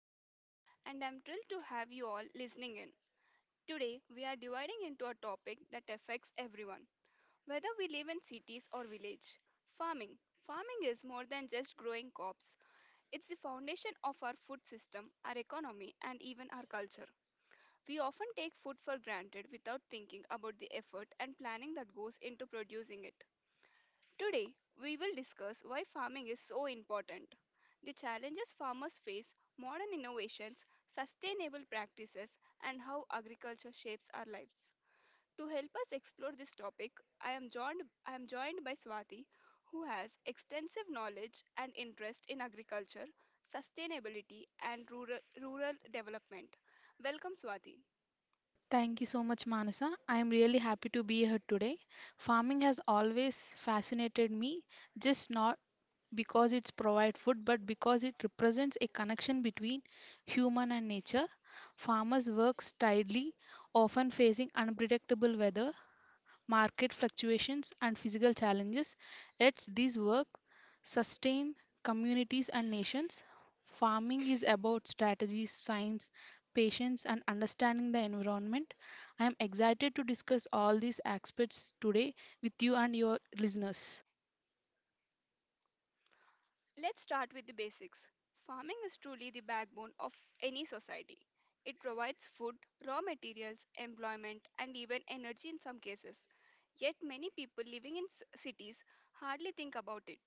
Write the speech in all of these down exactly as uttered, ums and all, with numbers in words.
today, and I'm thrilled to have you all listening in. Today, we are dividing into a topic that affects everyone, whether we live in cities or village. Farming. Farming is more than just growing crops. It's the foundation of our food system, our economy, and even our culture. We often take food for granted without thinking about the effort and planning that goes into producing it. Today, we will discuss why farming is so important, the challenges farmers face, modern innovations, sustainable practices, and how agriculture shapes our lives. To help us explore this topic, I am joined, I am joined by Swati, who has extensive knowledge and interest in agriculture, sustainability, and rural, rural development. Welcome, Swati. Thank you so much, Manasa. I am really happy to be here today. Farming has always fascinated me, just not because it's provide food, but because it represents a connection between human and nature. Farmers work tirelessly, often facing unpredictable weather, market fluctuations, and physical challenges. Yet, these work sustain communities and nations. Farming is about strategies, science, patience, and understanding the environment. I am excited to discuss all these aspects today with you and your listeners. Let's start with the basics. Farming is truly the backbone of any society. It provides food, raw materials, employment, and even energy in some cases. Yet many people living in s- cities hardly think about it.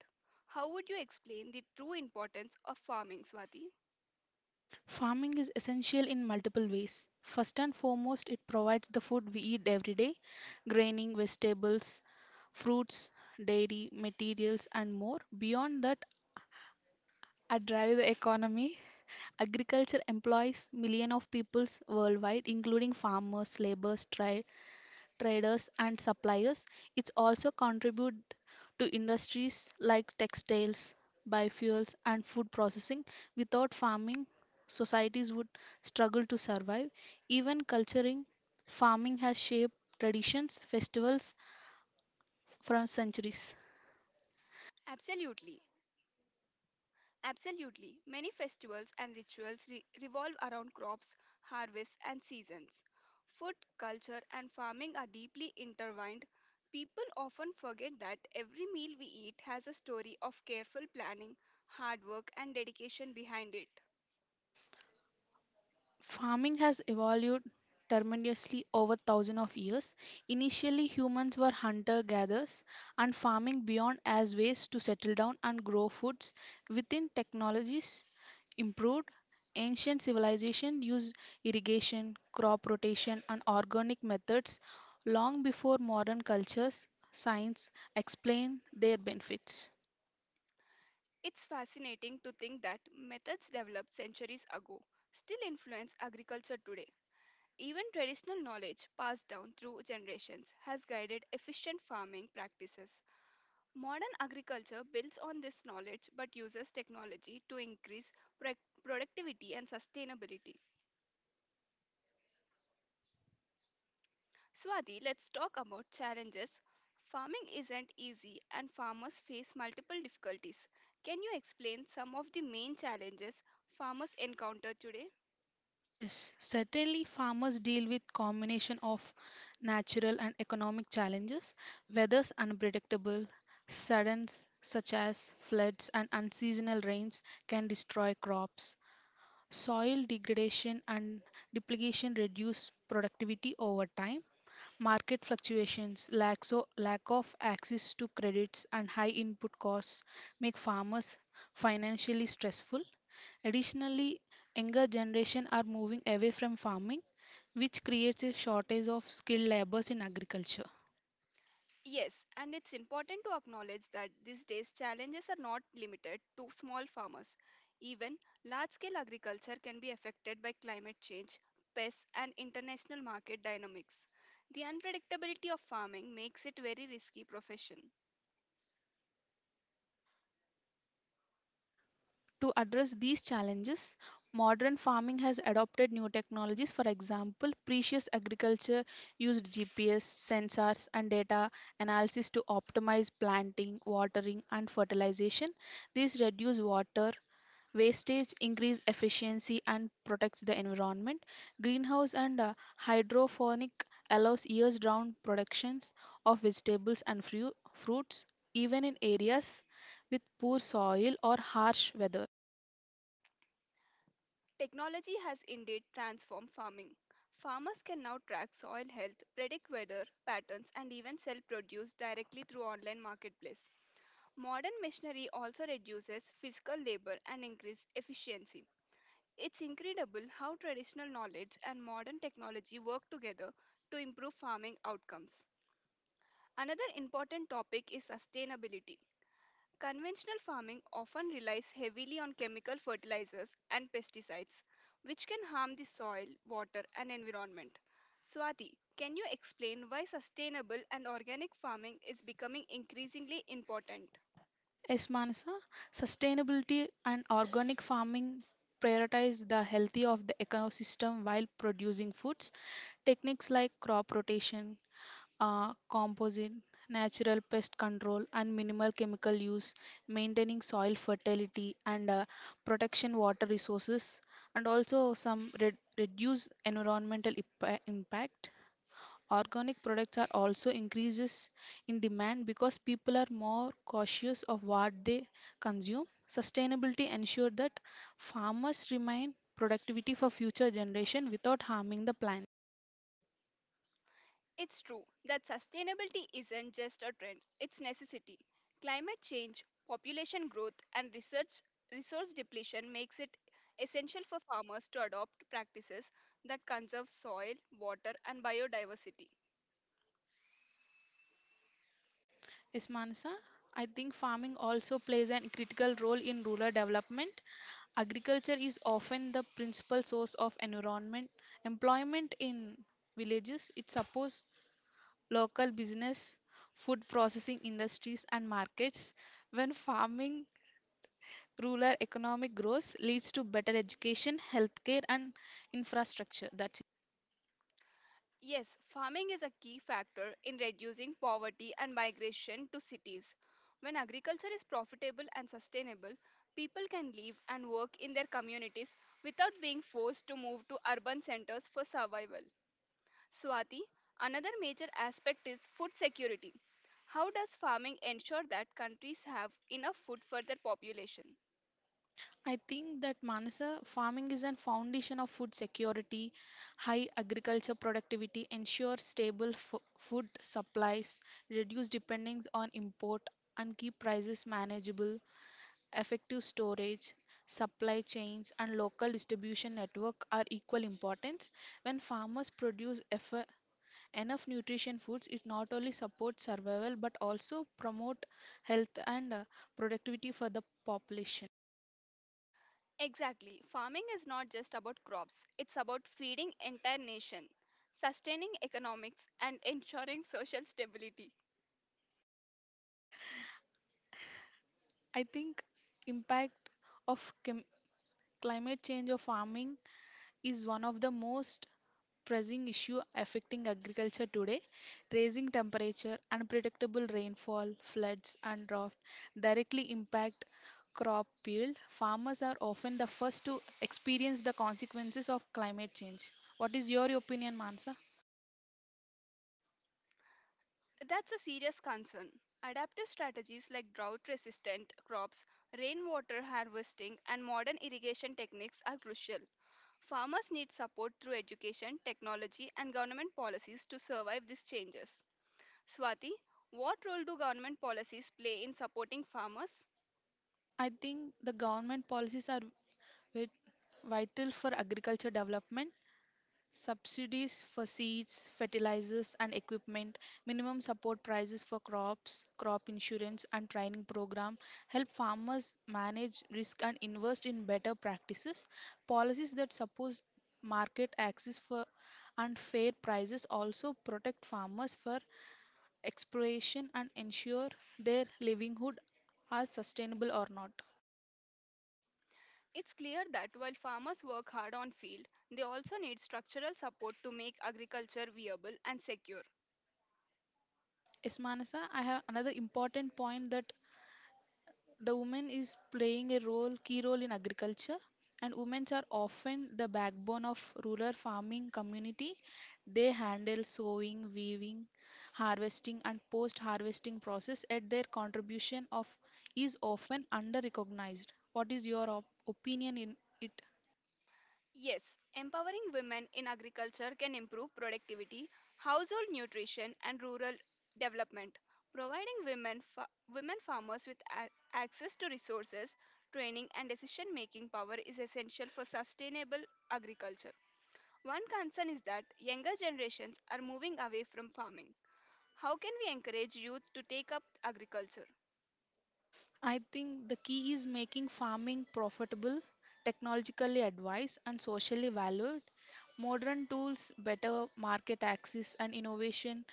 How would you explain the true importance of farming, Swati? Farming is essential in multiple ways. First and foremost, it provides the food we eat every day graining, vegetables, fruits, dairy, materials, and more. Beyond that, I drive the economy. Agriculture employs millions of peoples worldwide, including farmers, laborers, tra- traders, and suppliers. It also contributes to industries like textiles, biofuels, and food processing. Without farming, societies would struggle to survive. Even culturing, farming has shaped traditions, festivals from centuries. Absolutely. Absolutely. Many festivals and rituals re- revolve around crops, harvests, and seasons. Food, culture, and farming are deeply intertwined. People often forget that every meal we eat has a story of careful planning, hard work, and dedication behind it. Farming has evolved tremendously over thousands of years. Initially, humans were hunter gatherers, and farming beyond as ways to settle down and grow foods. Within technologies improved, ancient civilization used irrigation, crop rotation, and organic methods long before modern cultures, science explained their benefits. It's fascinating to think that methods developed centuries ago still influence agriculture today. Even traditional knowledge passed down through generations has guided efficient farming practices. Modern agriculture builds on this knowledge but uses technology to increase pro- productivity and sustainability. Swati, let's talk about challenges. Farming isn't easy and farmers face multiple difficulties. Can you explain some of the main challenges farmers encounter today? Yes, certainly farmers deal with combination of natural and economic challenges. Weather's unpredictable, suddens such as floods and unseasonal rains can destroy crops. Soil degradation and duplication reduce productivity over time. Market fluctuations, lack, so lack of access to credits, and high input costs make farmers financially stressful. Additionally, younger generation are moving away from farming, which creates a shortage of skilled laborers in agriculture. Yes, and it's important to acknowledge that these days challenges are not limited to small farmers. Even large scale agriculture can be affected by climate change, pests, and international market dynamics. The unpredictability of farming makes it very risky profession. To address these challenges, modern farming has adopted new technologies. For example, precious agriculture used G P S, sensors, and data analysis to optimize planting, watering, and fertilization. These reduce water, Wastage increase efficiency and protects the environment. Greenhouse and uh, hydroponic allows years-round productions of vegetables and fru- fruits, even in areas with poor soil or harsh weather. Technology has indeed transformed farming. Farmers can now track soil health, predict weather patterns, and even sell produce directly through online marketplace. Modern machinery also reduces physical labor and increases efficiency. It's incredible how traditional knowledge and modern technology work together to improve farming outcomes. Another important topic is sustainability. Conventional farming often relies heavily on chemical fertilizers and pesticides, which can harm the soil, water, and environment. Swati, can you explain why sustainable and organic farming is becoming increasingly important? Yes, Manasa, sustainability and organic farming prioritize the health of the ecosystem while producing foods. Techniques like crop rotation, uh, composite, natural pest control, and minimal chemical use, maintaining soil fertility and uh, protection water resources, and also some re- reduce environmental ipa- impact. Organic products are also increases in demand because people are more cautious of what they consume. Sustainability ensure that farmers remain productivity for future generation without harming the planet. It's true that sustainability isn't just a trend, it's necessity. Climate change, population growth and research resource depletion makes it essential for farmers to adopt practices that conserve soil, water and biodiversity. Yes, Manasa. I think farming also plays a critical role in rural development. Agriculture is often the principal source of environment employment in villages. It supports local business, food processing industries, and markets. When farming, rural economic growth leads to better education, healthcare, and infrastructure. That's Yes, farming is a key factor in reducing poverty and migration to cities. When agriculture is profitable and sustainable, people can live and work in their communities without being forced to move to urban centers for survival. Swati, another major aspect is food security. How does farming ensure that countries have enough food for their population? I think that Manasa farming is a foundation of food security. High agriculture productivity ensures stable fo- food supplies, reduce dependence on import, and keep prices manageable. Effective storage, supply chains, and local distribution network are equal importance. When farmers produce eff- enough nutrition foods, it not only supports survival but also promote health and uh, productivity for the population. Exactly. Farming is not just about crops, it's about feeding entire nation, sustaining economics and ensuring social stability. I think impact of clim- climate change or farming is one of the most pressing issue affecting agriculture today. Raising temperature, unpredictable rainfall, floods and drought directly impact crop yield. Farmers are often the first to experience the consequences of climate change. What is your opinion, Mansa? That's a serious concern. Adaptive strategies like drought resistant crops, rainwater harvesting and modern irrigation techniques are crucial. Farmers need support through education, technology, and government policies to survive these changes. Swati, what role do government policies play in supporting farmers? I think the government policies are vi- vital for agriculture development. Subsidies for seeds, fertilizers, and equipment, minimum support prices for crops, crop insurance, and training program help farmers manage risk and invest in better practices. Policies that support market access for and fair prices also protect farmers for exploration and ensure their livelihood are sustainable or not. It's clear that while farmers work hard on field, they also need structural support to make agriculture viable and secure. Yes, Manasa, I have another important point that the woman is playing a role key role in agriculture, and women are often the backbone of rural farming community. They handle sowing, weaving, harvesting, and post harvesting process. At their contribution of is often under recognized. What is your op- opinion in it? Yes, empowering women in agriculture can improve productivity, household nutrition, and rural development. Providing women, fa- women farmers with a- access to resources, training, and decision making power is essential for sustainable agriculture. One concern is that younger generations are moving away from farming. How can we encourage youth to take up agriculture? I think the key is making farming profitable, technologically advanced, and socially valued. Modern tools, better market access, and innovation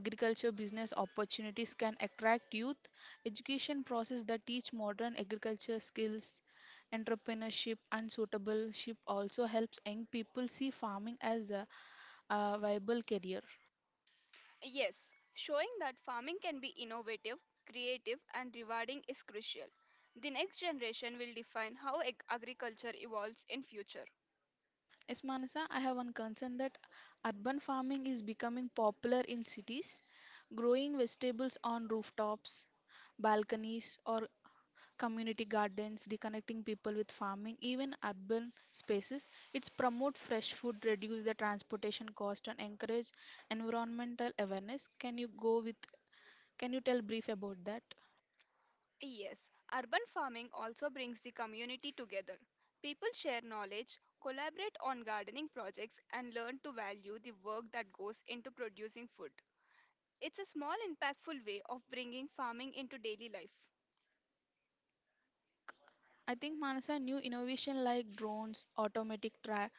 agriculture business opportunities can attract youth, education process that teach modern agriculture skills, entrepreneurship and suitable also helps young people see farming as a, a viable career. Yes, showing that farming can be innovative, creative, and rewarding is crucial. The next generation will define how ag- agriculture evolves in future. Yes, Manasa, I have one concern that urban farming is becoming popular in cities, growing vegetables on rooftops, balconies or community gardens, reconnecting people with farming, even urban spaces. It's promote fresh food, reduce the transportation cost, and encourage environmental awareness. Can you go with? Can you tell brief about that? Yes, urban farming also brings the community together. People share knowledge, collaborate on gardening projects, and learn to value the work that goes into producing food. It's a small, impactful way of bringing farming into daily life. think- I think Manasa new innovation like drones, automatic tra-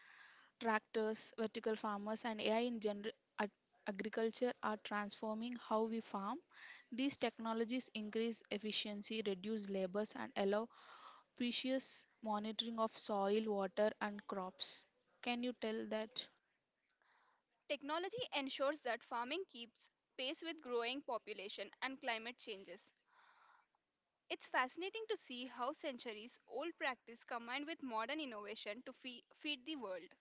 tractors, vertical farmers, and A I in general ag- agriculture are transforming how we farm. These technologies increase efficiency, reduce labors, and allow precious monitoring of soil, water, and crops. Can you tell that? Technology ensures that farming keeps pace with growing population and climate changes. It's fascinating to see how centuries old practice combined with modern innovation to fee- feed the world.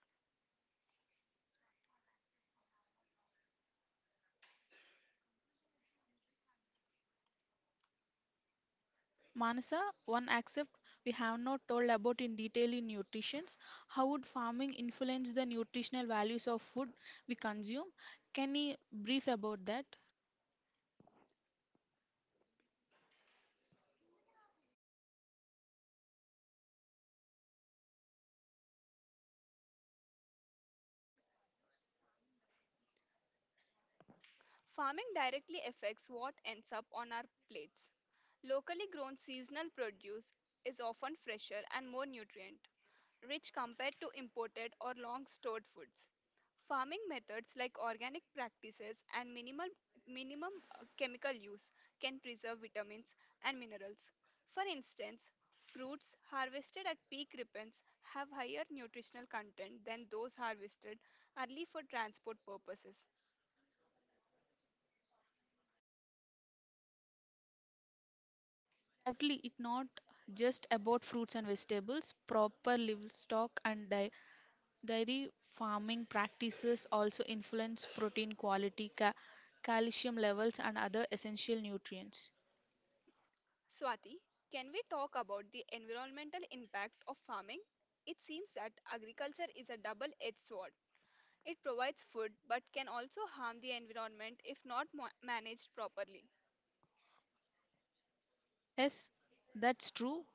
Manasa, one aspect we have not told about in detail in nutrition. How would farming influence the nutritional values of food we consume? Can you brief about that? Farming directly affects what ends up on our plates. Locally grown seasonal produce is often fresher and more nutrient, rich compared to imported or long stored foods. Farming methods like organic practices and minimal, minimum uh, chemical use can preserve vitamins and minerals. For instance, fruits harvested at peak ripeness have higher nutritional content than those harvested early for transport purposes. Exactly, it not just about fruits and vegetables. Proper livestock and di- dairy farming practices also influence protein quality, ca- calcium levels, and other essential nutrients. Swati, can we talk about the environmental impact of farming? It seems that agriculture is a double edged sword. It provides food but can also harm the environment if not mo- managed properly. Yes, that's true.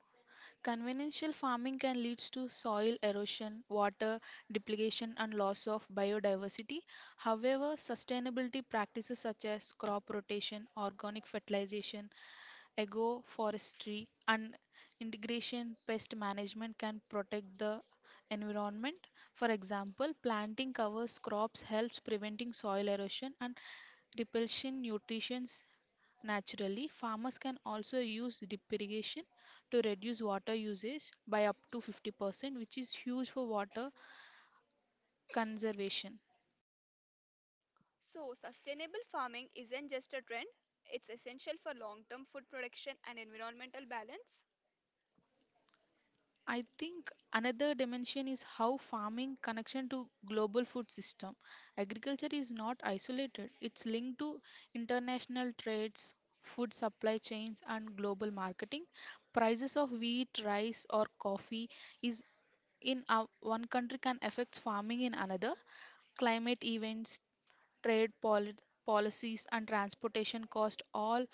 Conventional farming can lead to soil erosion, water depletion, and loss of biodiversity. However, sustainability practices such as crop rotation, organic fertilization, agroforestry, and integration pest management can protect the environment. For example, planting covers crops helps preventing soil erosion and repelsion nutrients Naturally, farmers can also use drip irrigation to reduce water usage by up to fifty percent, which is huge for water conservation. So, sustainable farming isn't just a trend, it's essential for long term food production and environmental balance. I think another dimension is how farming connection to global food system. Agriculture is not isolated. It's linked to international trades, food supply chains and global marketing. Prices of wheat, rice or coffee is in our, one country can affect farming in another. Climate events, trade poli- policies and transportation cost all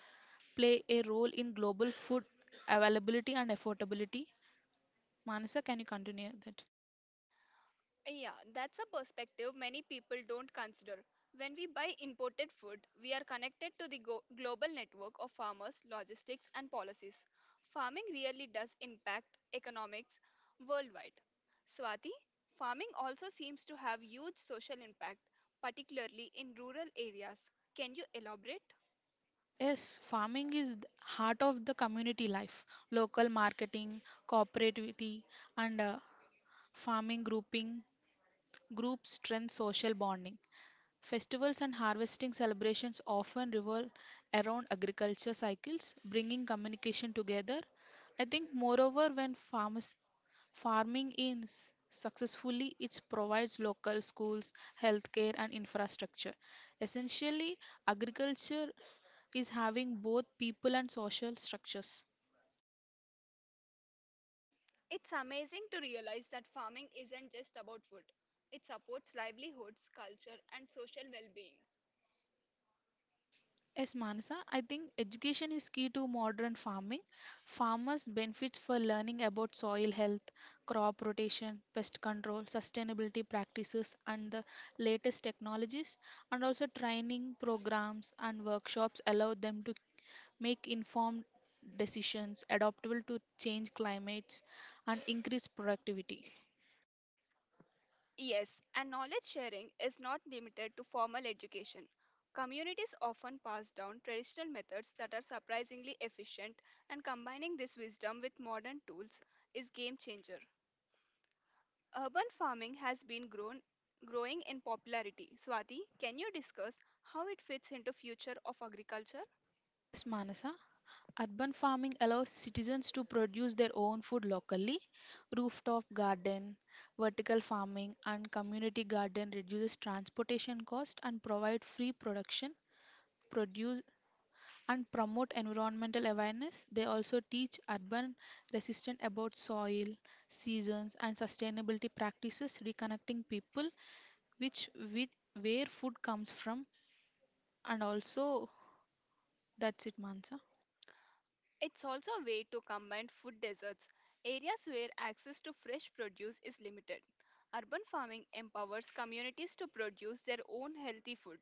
play a role in global food availability and affordability. Manasa, can you continue that? Yeah, that's a perspective many people don't consider. When we buy imported food, we are connected to the go- global network of farmers, logistics, and policies. Farming really does impact economics worldwide. Swati, farming also seems to have huge social impact, particularly in rural areas. Can you elaborate? Yes, farming is the heart of the community life. Local marketing, cooperativity, and uh, farming grouping groups strengthen social bonding. Festivals and harvesting celebrations often revolve around agriculture cycles, bringing communication together. I think, moreover, when farmers farming is successfully it provides local schools, healthcare and infrastructure. Essentially agriculture is having both people and social structures. It's amazing to realize that farming isn't just about food. It supports livelihoods, culture, and social well being. Yes, Manasa, I think education is key to modern farming. Farmers benefit for learning about soil health, crop rotation, pest control, sustainability practices, and the latest technologies. And also, training programs and workshops allow them to make informed decisions adaptable to change climates and increase productivity. Yes, and knowledge sharing is not limited to formal education. Communities often pass down traditional methods that are surprisingly efficient, and combining this wisdom with modern tools is game changer. Urban farming has been grown growing in popularity. Swati, can you discuss how it fits into future of agriculture? Yes, Manasa. Urban farming allows citizens to produce their own food locally. Rooftop garden, vertical farming, and community garden reduces transportation cost and provide free production, produce and promote environmental awareness. They also teach urban residents about soil, seasons, and sustainability practices, reconnecting people which with where food comes from. And also, that's it, Mansa. It's also a way to combine food deserts, areas where access to fresh produce is limited. Urban farming empowers communities to produce their own healthy food.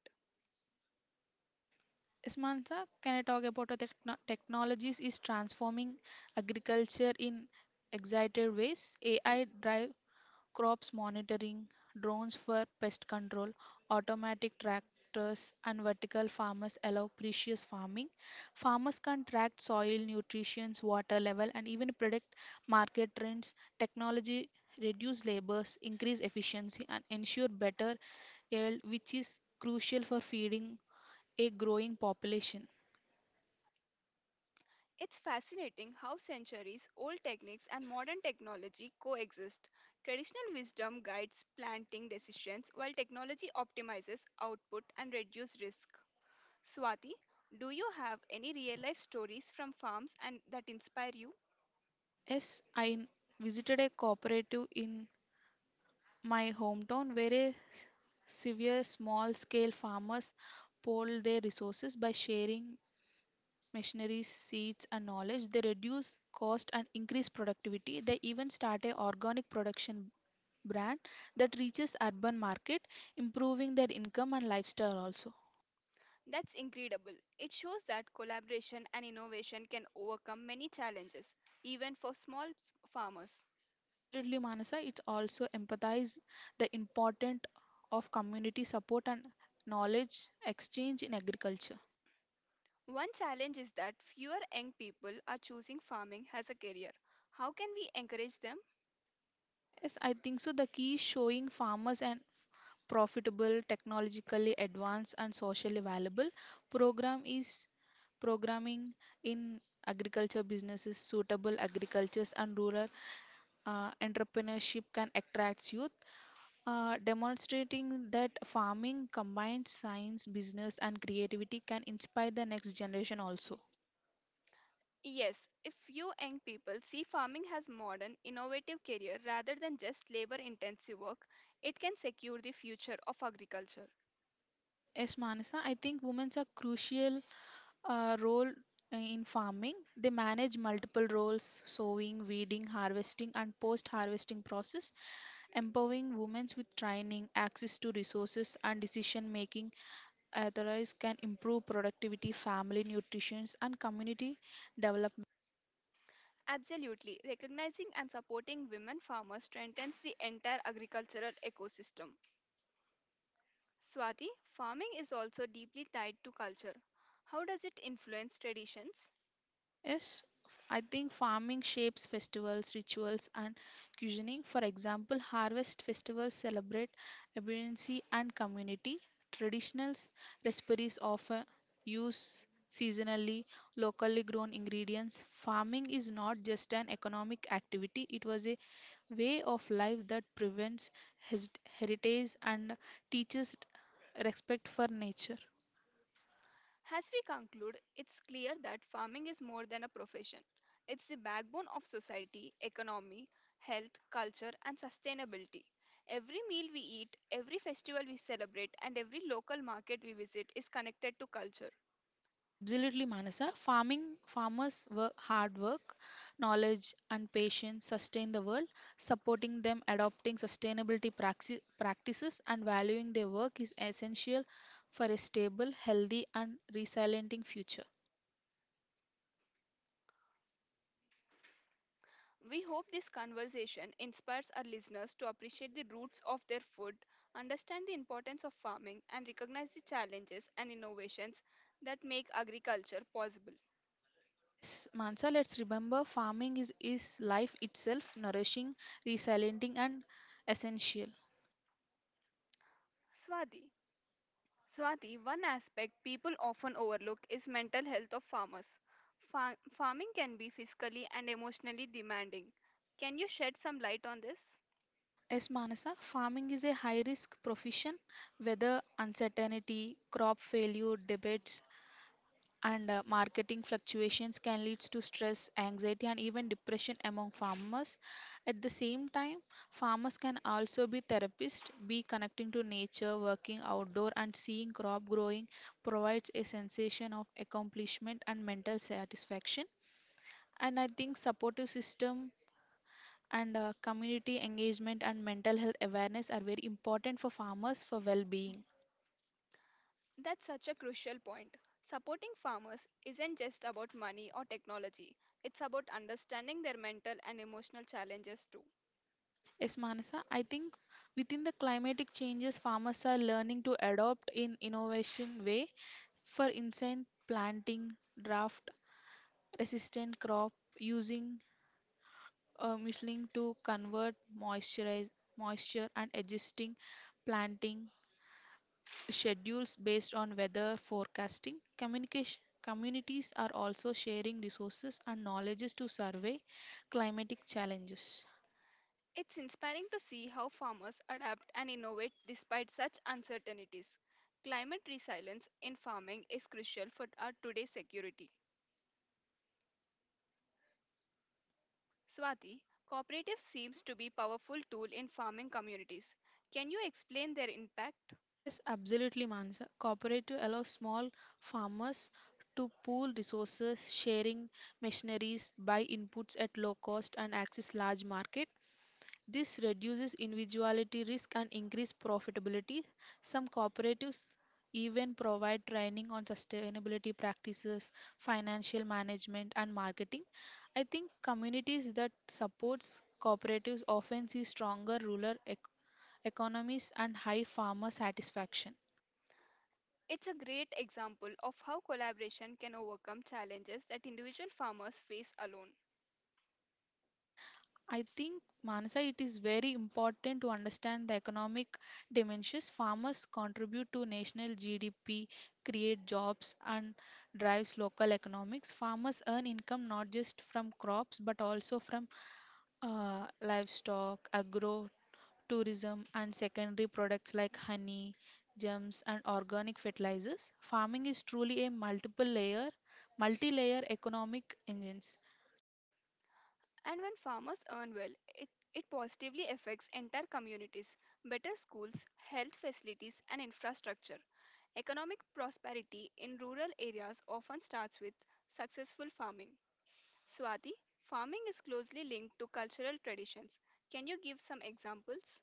Ismansa, can I talk about how the techno- technologies is transforming agriculture in excited ways? E- A I drive crops monitoring, drones for pest control, automatic tractors, and vertical farmers allow precious farming. Farmers can track soil nutrition, water level, and even predict market trends. Technology reduce labors, increase efficiency, and ensure better yield, which is crucial for feeding a growing population. It's fascinating how centuries old techniques and modern technology coexist. Traditional wisdom guides planting decisions while technology optimizes output and reduces risk. Swati, do you have any real life stories from farms and that inspire you? Yes, I visited a cooperative in my hometown where a s- severe small scale farmers pool their resources by sharing machinery, seeds, and knowledge. They reduce cost and increase productivity. They even start a organic production brand that reaches urban market, improving their income and lifestyle also. That's incredible. It shows that collaboration and innovation can overcome many challenges, even for small s- farmers. Absolutely, Manasa, it also empathize the importance of community support and knowledge exchange in agriculture. One challenge is that fewer young people are choosing farming as a career. How can we encourage them? Yes, I think so. The key is showing farmers an profitable, technologically advanced, and socially valuable program is programming in agriculture businesses, suitable agricultures and rural uh, entrepreneurship can attract youth. Uh, demonstrating that farming combines science business and creativity can inspire the next generation also. Yes, if few young people see farming as modern, innovative career rather than just labor intensive work, it can secure the future of agriculture. Yes, Manasa, I think women are crucial uh, role uh, in farming. They manage multiple roles sowing, weeding, harvesting, and post harvesting process, empowering women with training, access to resources, and decision making. Authorize can improve productivity, family nutrition, and community development. Absolutely. Recognizing and supporting women farmers strengthens the entire agricultural ecosystem. Swati, farming is also deeply tied to culture. How does it influence traditions? Yes, I think farming shapes festivals, rituals, and cuisining. For example, harvest festivals celebrate abundancy and community. Traditional recipes often use seasonally, locally grown ingredients. Farming is not just an economic activity, it was a way of life that prevents his heritage and teaches respect for nature. As we conclude, it's clear that farming is more than a profession. It's the backbone of society, economy, health, culture, and sustainability. Every meal we eat, every festival we celebrate, and every local market we visit is connected to culture. Absolutely, Manasa. Farming Farmers work hard work, knowledge and patience sustain the world. Supporting them adopting sustainability praxi- practices and valuing their work is essential for a stable, healthy and resilient future. We hope this conversation inspires our listeners to appreciate the roots of their food, understand the importance of farming, and recognize the challenges and innovations that make agriculture possible. Yes, Mansa, let's remember farming is, is life itself, nourishing, resilient and essential. Swati. Swati, one aspect people often overlook is mental health of farmers. Fa- farming can be physically and emotionally demanding. Can you shed some light on this? Yes, Manasa, farming is a high risk profession, whether uncertainty, crop failure, debates, and uh, marketing fluctuations can lead to stress, anxiety, and even depression among farmers. At the same time, farmers can also be therapists, be connecting to nature, working outdoor, and seeing crop growing provides a sensation of accomplishment and mental satisfaction. And I think supportive system and uh, community engagement and mental health awareness are very important for farmers for well-being. That's such a crucial point. Supporting farmers isn't just about money or technology, it's about understanding their mental and emotional challenges too. Yes, Manasa, I think within the climatic changes, farmers are learning to adopt in innovation way. For instance, planting drought resistant crop using uh, mulching to convert moisturize moisture and adjusting planting schedules based on weather forecasting. Communication communities are also sharing resources and knowledges to survey climatic challenges. It's inspiring to see how farmers adapt and innovate despite such uncertainties. Climate resilience in farming is crucial for our today's security. Swati, cooperatives seems to be powerful tool in farming communities. Can you explain their impact? Yes, absolutely, Mansa. Cooperative allows small farmers to pool resources, sharing machineries, buy inputs at low cost, and access large market. This reduces individuality risk and increase profitability. Some cooperatives even provide training on sustainability practices, financial management, and marketing. I think communities that supports cooperatives often see stronger rural ec- economies and high farmer satisfaction. It's a great example of how collaboration can overcome challenges that individual farmers face alone. I think, Manasa, it is very important to understand the economic dimensions. Farmers contribute to national G D P, create jobs, and drives local economics. Farmers earn income not just from crops but also from uh, livestock, agro, tourism, and secondary products like honey, gems, and organic fertilizers. Farming is truly a multiple layer, multi-layer economic engine. And when farmers earn well, it, it positively affects entire communities, better schools, health facilities, and infrastructure. Economic prosperity in rural areas often starts with successful farming. Swati, farming is closely linked to cultural traditions. Can you give some examples?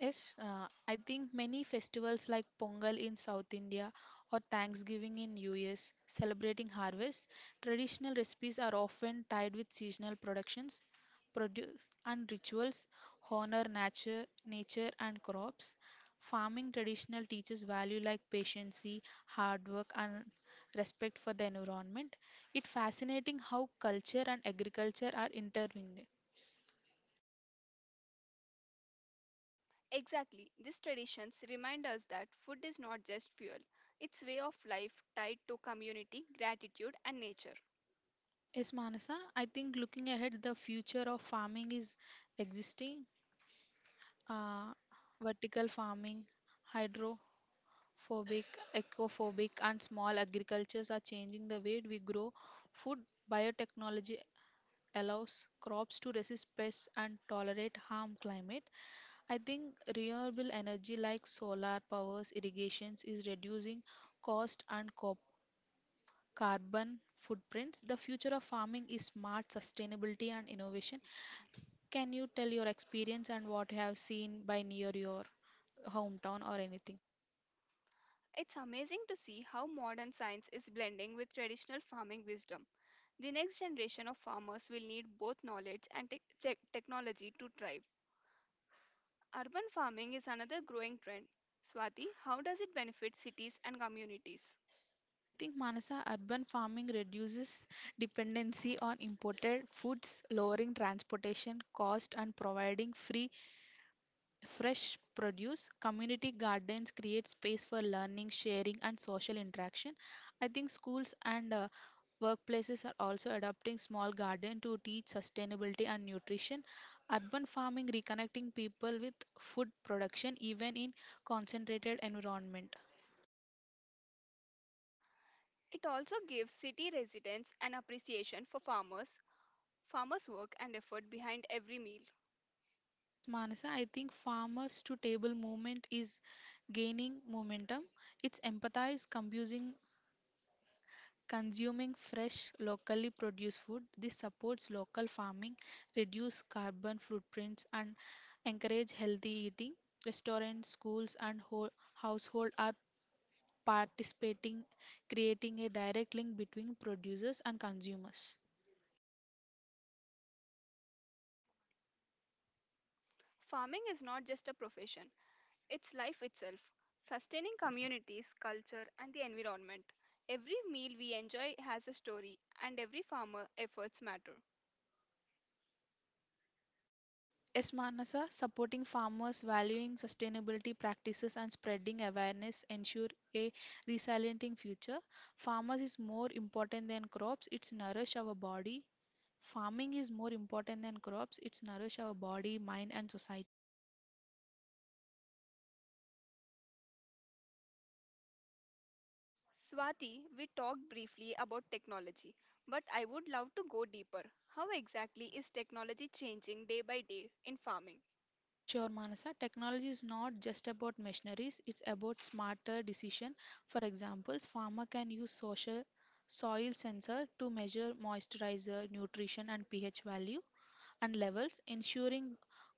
Yes, uh, I think many festivals like Pongal in South India or Thanksgiving in U S celebrating harvest, traditional recipes are often tied with seasonal productions, produce and rituals honor nature, nature and crops. Farming traditional teaches value like patience, hard work and respect for the environment. It's fascinating how culture and agriculture are intertwined. Exactly. These traditions remind us that food is not just fuel, it's way of life tied to community, gratitude and nature. Yes, Manasa, I think looking ahead, the future of farming is existing uh, vertical farming, hydrophobic, ecophobic, and small agricultures are changing the way we grow food. Biotechnology allows crops to resist pests and tolerate harm climate. I think renewable energy like solar powers, irrigations is reducing cost and co- carbon footprints. The future of farming is smart sustainability and innovation. Can you tell your experience and what you have seen by near your hometown or anything? It's amazing to see how modern science is blending with traditional farming wisdom. The next generation of farmers will need both knowledge and tech tech- technology to thrive. Urban farming is another growing trend. Swati, how does it benefit cities and communities? I think Manasa urban farming reduces dependency on imported foods, lowering transportation cost and providing free fresh produce. Community gardens create space for learning, sharing, and social interaction. I think schools and uh, workplaces are also adopting small garden to teach sustainability and nutrition. Urban farming reconnecting people with food production even in concentrated environment. It also gives city residents an appreciation for farmers, farmers' work and effort behind every meal. Yes, Manasa, I think farmers to table movement is gaining momentum. It's empathize, confusing consuming fresh, locally produced food. This supports local farming, reduce carbon footprints and encourage healthy eating. Restaurants, schools and ho- household are participating, creating a direct link between producers and consumers. Farming is not just a profession, it's life itself, sustaining communities, culture, and the environment. Every meal we enjoy has a story, and every farmer efforts matter. Yes, Manasa, supporting farmers, valuing sustainability practices, and spreading awareness ensure a resilient future. Farmers is more important than crops, it's nourish our body, farming is more important than crops, it's nourish our body, mind and society. Swati, we talked briefly about technology, but I would love to go deeper. How exactly is technology changing day by day in farming? Sure, Manasa, technology is not just about machineries, it's about smarter decision. For examples, farmer can use social soil sensor to measure moisturizer, nutrition and ph value and levels, ensuring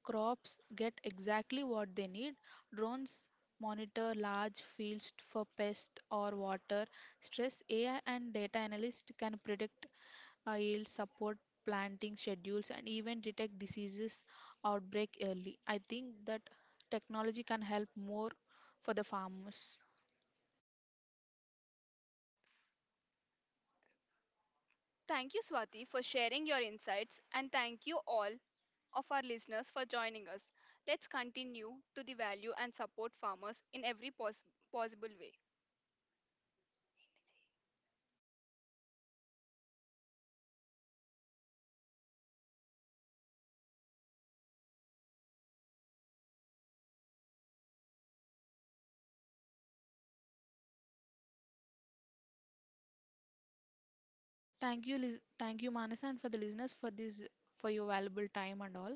crops get exactly what they need. Drones monitor large fields for pest or water stress. AI and data analysts can predict uh, yield, support planting schedules, and even detect diseases outbreak early. I think that technology can help more for the farmers. Thank you, Swati, for sharing your insights, and thank you all of our listeners for joining us. Let's continue to the value and support farmers in every pos- possible way. Thank you, lis- thank you, Manas, and for the listeners for this for your valuable time and all.